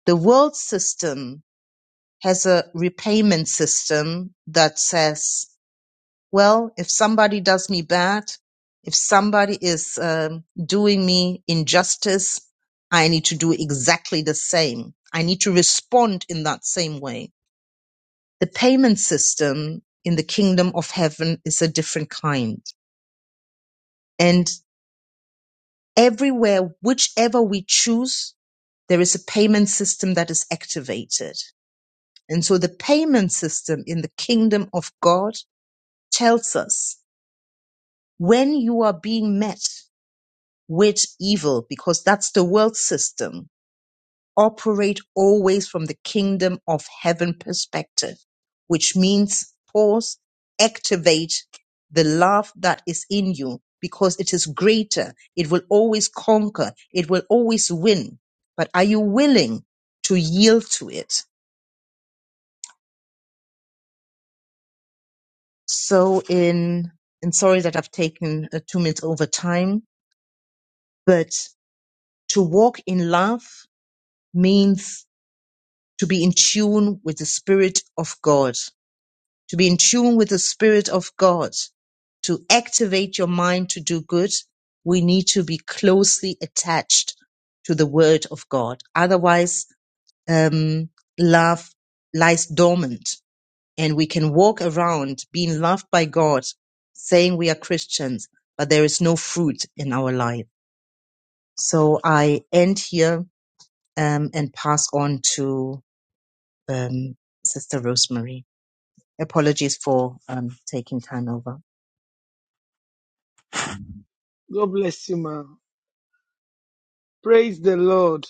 The world system has a repayment system that says Well, if somebody does me bad, if somebody is um, doing me injustice, I need to do exactly the same. I need to respond in that same way. The payment system in the kingdom of heaven is a different kind. And everywhere, whichever we choose, there is a payment system that is activated. And so the payment system in the kingdom of God tells us when you are being met with evil because that's the world system. Operate always from the kingdom of heaven perspective, which means pause, activate the love that is in you because it is greater. It will always conquer. It will always win. But are you willing to yield to it? So in, and sorry that I've taken uh, two minutes over time, but to walk in love means to be in tune with the Spirit of God, to be in tune with the Spirit of God, to activate your mind to do good, we need to be closely attached to the Word of God. Otherwise, um, love lies dormant and we can walk around being loved by God, saying we are Christians, but there is no fruit in our life. So I end here um, and pass on to um, Sister Rosemary. Apologies for um, taking time over.
God bless you, ma. Praise the Lord.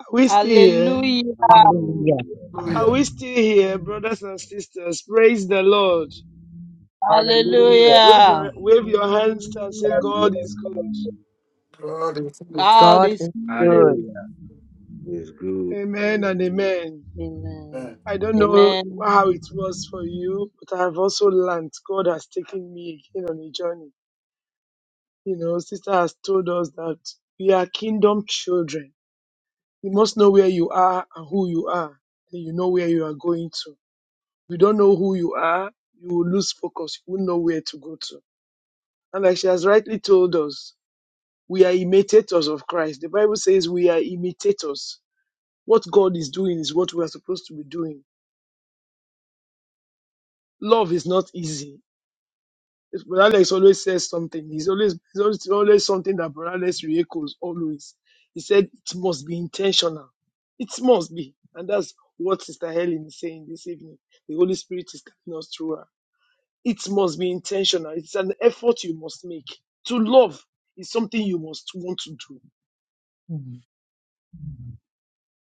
Are we still here?
Hallelujah.
Hallelujah.
Hallelujah.
Are we still here, brothers and sisters? Praise the Lord.
Hallelujah.
Wave,
Hallelujah.
wave your hands and say,
Hallelujah.
God is good.
God
God
is
is good.
good.
Hallelujah.
It's good.
Amen and
Hallelujah.
amen. I don't know how
Amen.
it was for you, but I've also learned God has taken me again on a journey. You know, sister has told us that we are kingdom children. You must know where you are and who you are, and you know where you are going to. If you don't know who you are, you will lose focus. You won't know where to go to. And like she has rightly told us, we are imitators of Christ. The Bible says we are imitators. What God is doing is what we are supposed to be doing. Love is not easy It's Brother Alex always says something. He's always, he's always, always something that Brother Alex re-echoes always. He said it must be intentional. It must be. And that's what Sister Helen is saying this evening. The Holy Spirit is telling us through her. It must be intentional. It's an effort you must make. To love is something you must want to do.
Mm.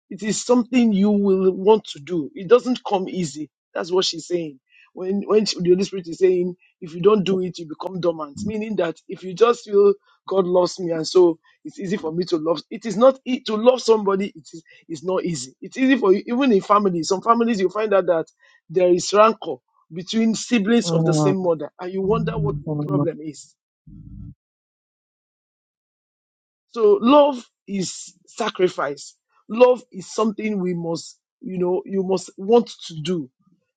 It is something you will want to do. It doesn't come easy. That's what she's saying. When when she- the Holy Spirit is saying, if you don't do it, you become dormant, meaning that if you just feel God loves me and so it's easy for me to love. It is not e- to love somebody. It is it's not easy. It's easy for you even in families. Some families you find out that there is rancor between siblings of the
Mm,
same mother, and you wonder what the
mm.
problem is So love is sacrifice. Love is something we must, you know, you must want to do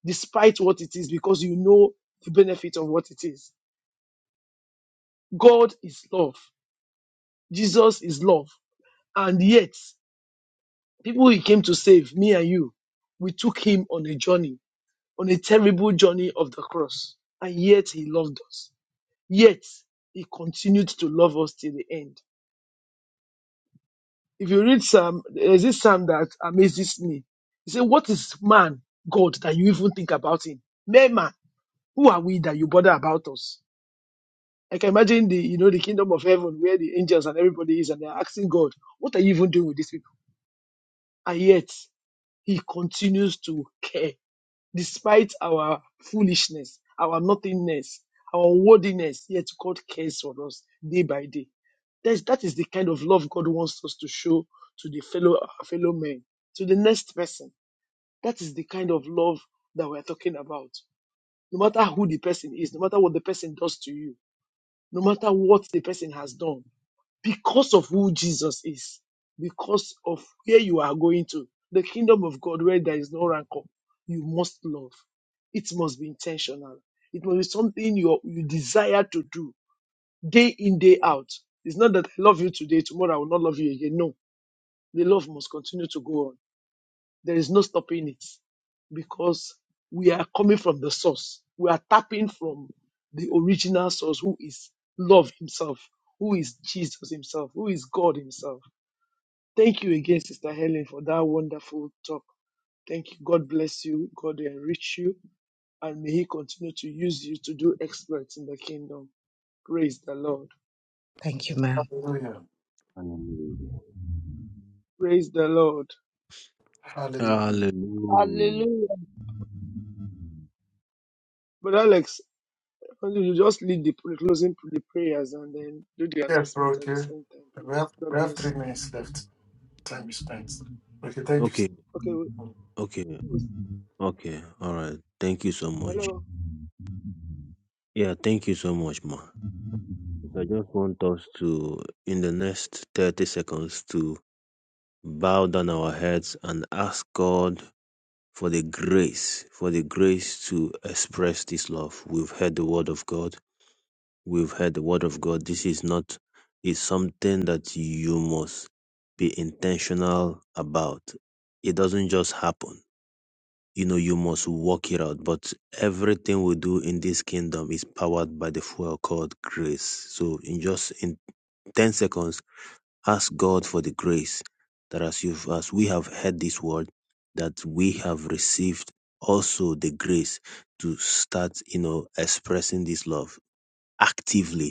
despite what it is because you know the benefit of what it is. God is love. Jesus is love. And yet, people he came to save, me and you, we took him on a journey, on a terrible journey of the cross. And yet he loved us. Yet he continued to love us till the end. If you read Psalm, there's this Psalm that amazes me. He said, What is man, God, that you even think about him? Mere man, who are we that you bother about us? I can imagine the, you know, the kingdom of heaven where the angels and everybody is and they're asking God, what are you even doing with these people? And yet, he continues to care despite our foolishness, our nothingness, our worthiness, yet God cares for us day by day. That's, that is the kind of love God wants us to show to the fellow fellow men, to the next person. That is the kind of love that we're talking about. No matter who the person is, no matter what the person does to you, no matter what the person has done, because of who Jesus is, because of where you are going to, the kingdom of God where there is no rancor, you must love. It must be intentional. It must be something you, you desire to do day in, day out. It's not that I love you today, tomorrow I will not love you again. No, the love must continue to go on. There is no stopping it because we are coming from the source. We are tapping from the original source who is love himself, who is Jesus himself, who is God himself. Thank you again, Sister Helen, for that wonderful talk. Thank you. God bless you. God enrich you. And may He continue to use you to do exploits in the kingdom. Praise the Lord.
Thank you, ma'am.
Hallelujah.
Praise the Lord.
Hallelujah.
Hallelujah.
But Alex, why don't you just lead the the closing the prayers and then do the announcement at the same time, please. God bless.
Okay.
Okay, with,
Okay.
with
Okay. All right. Thank you so much.
hello.
Yeah. Thank you so much, ma. So I just want us to, in the next 30 seconds, to bow down our heads and ask God for the grace, for the grace to express this love. We've heard the word of God. we've heard the word of God. This is not is something that you must be intentional about. It doesn't just happen. You know, you must work it out. But everything we do in this kingdom is powered by the fuel called grace. So in just in ten seconds, ask God for the grace that as you have as we have heard this word, that we have received also the grace to start, you know, expressing this love actively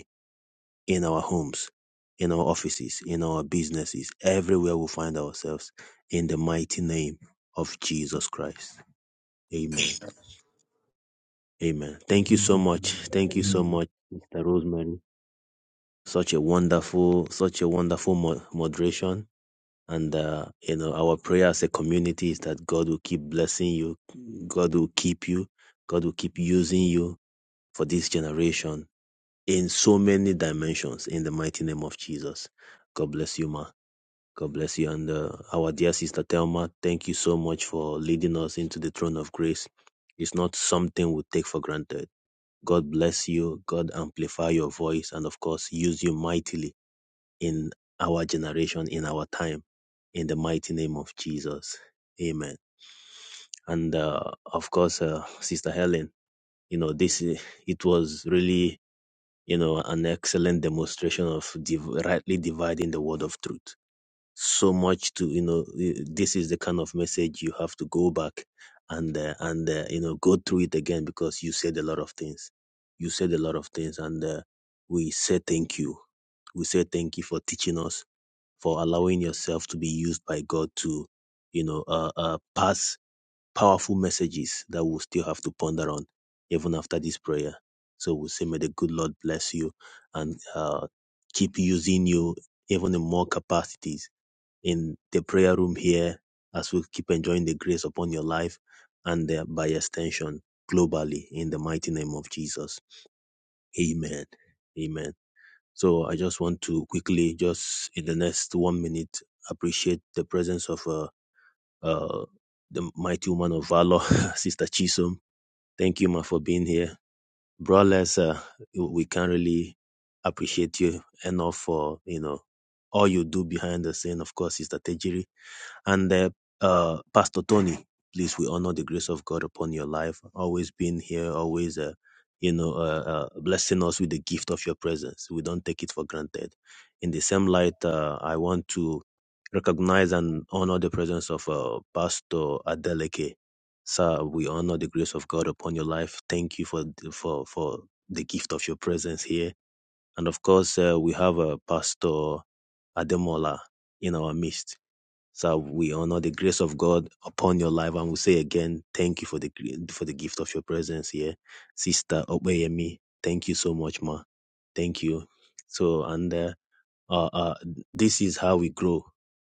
in our homes, in our offices, in our businesses, everywhere we find ourselves, in the mighty name of Jesus Christ. Amen. Amen. Thank you so much. Thank you so much, Mr. Rosemary. Such a wonderful, such a wonderful mo- moderation. And, uh, you know, our prayer as a community is that God will keep blessing you. God will keep you. God will keep using you for this generation in so many dimensions in the mighty name of Jesus. God bless you, ma. God bless you. And uh, our dear sister Thelma, thank you so much for leading us into the throne of grace. It's not something we take for granted. God bless you. God amplify your voice and, of course, use you mightily in our generation, in our time, in the mighty name of Jesus. Amen. And, uh, of course, uh, Sister Helen, you know, this, i- it was really, you know, an excellent demonstration of div- rightly dividing the word of truth so much to you know y- this is the kind of message you have to go back and uh, and uh, you know go through it again because you said a lot of things you said a lot of things and uh, we say thank you we say thank you for teaching us for allowing yourself to be used by god to you know uh, uh, pass powerful messages that we'll still have to ponder on even after this prayer so we say may the good lord bless you and uh, keep using you even in more capacities in the prayer room here as we keep enjoying the grace upon your life and uh, by extension globally in the mighty name of Jesus. Amen. Amen. So I just want to quickly, just in the next one minute, appreciate the presence of uh, uh, the mighty woman of valor, Sister Chisom. Thank you, ma, for being here. Brothers, uh, we can't really appreciate you enough for, you know, all you do behind the scene, of course, Sister Tejiri and uh, uh, Pastor Tony, please, we honor the grace of God upon your life. Always being here, always, uh, you know, uh, uh, blessing us with the gift of your presence. We don't take it for granted. In the same light, uh, I want to recognize and honor the presence of uh, Pastor Adeleke. Sir, we honor the grace of God upon your life. Thank you for for for the gift of your presence here. And of course, uh, we have uh, Pastor Ademola in our midst so we honor the grace of God upon your life, and we say again, thank you for the gre- for the gift of your presence here, Sister Opeyemi. Thank you so much, ma. Thank you. So and uh, uh, uh, this is how we grow.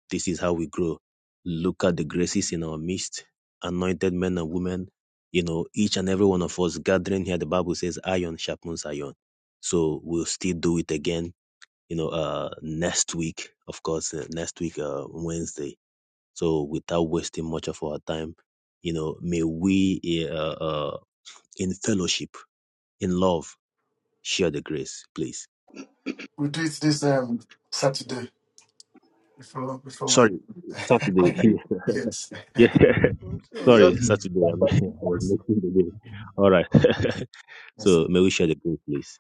This is how we grow. Look at the graces in our midst, anointed men and women. You know, each and every one of us gathering here. The Bible says, "Iron sharpens iron." So we'll still do it again. You know, uh, next week, of course, uh, next week, uh, Wednesday so without wasting much of our time, you know, may we eh, uh, uh, in fellowship, in love, share the grace, please. Sorry, Saturday. yeah,
I'm still on
Good.
sorry, Saturday. I'm, I was making the day. All right. so may we share the grace, please.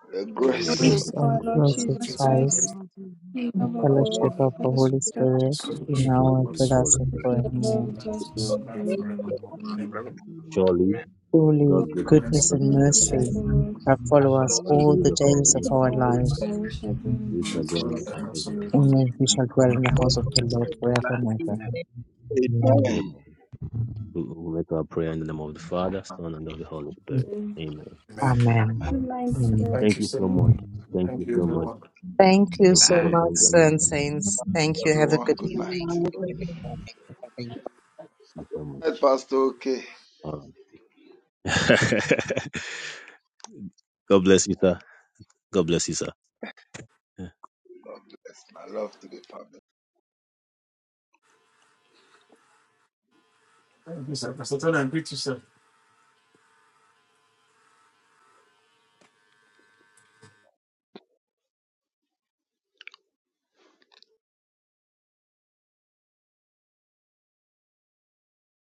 for The
May the
May the
grace
Yes,
grace
grace
of
of our
For
and
our
Lord
Lord
close
Jesus
with
Jesus
Christ,
Praise the
Christ,
Christ,
Lord Jesus
the
the
love
Christ.
of
of the
God,
Lord
fellowship of
and
the
the sweet
Holy
Hallelujah.
fellowship
Spirit,
the
be
grace
may
now
of
and
the
the
with us
Holy
and
of
Spirit.
the
be
forevermore.
Holy Spirit,
with us.
be with us now and
grace
forevermore.
of
Amen.
Amen.
brother,
the Lord,
Surely,
may
Truly,
God's
the
goodness
goodness
is
Surely
and
Blessed
God's
mercy
faithful
goodness
be
and
the
shall
mercy shall
follow
Saturday.
us
all the
follow
all
Lord.
us
days
the
of our
days of
life.
our
all
Alright,
the
life,
I
many
wish I could
of
We
our
shall
bless
dwell
you.
in the
lives,
house
Thank
of the
and we
and
shall
you,
we
dwell
shall
in the
dwell in
house
the
of
Lord.
the
Lord
house
Lord
of the Lord
forever
forever
Bye.
and
be with
ever.
you.
Amen.
Amen.
Amen. We we make our prayer in the name of the Father, Son, and of the Holy Spirit.
Lord.
Amen.
Amen.
Amen.
Remind
Amen.
Thank you so much. Thank you so much.
Thank you
Thank you,
so
Bro
much,
Thank you.
and
Benjamin.
saints. Thank you. Have a
Yeah.
Everyone,
good
good
evening.
night.
Amen.
Amen.
Good morning.
Thank you so much.
night, Pastor. Okay.
All right. God bless you, sir. God bless you, sir.
God bless. My love to the family.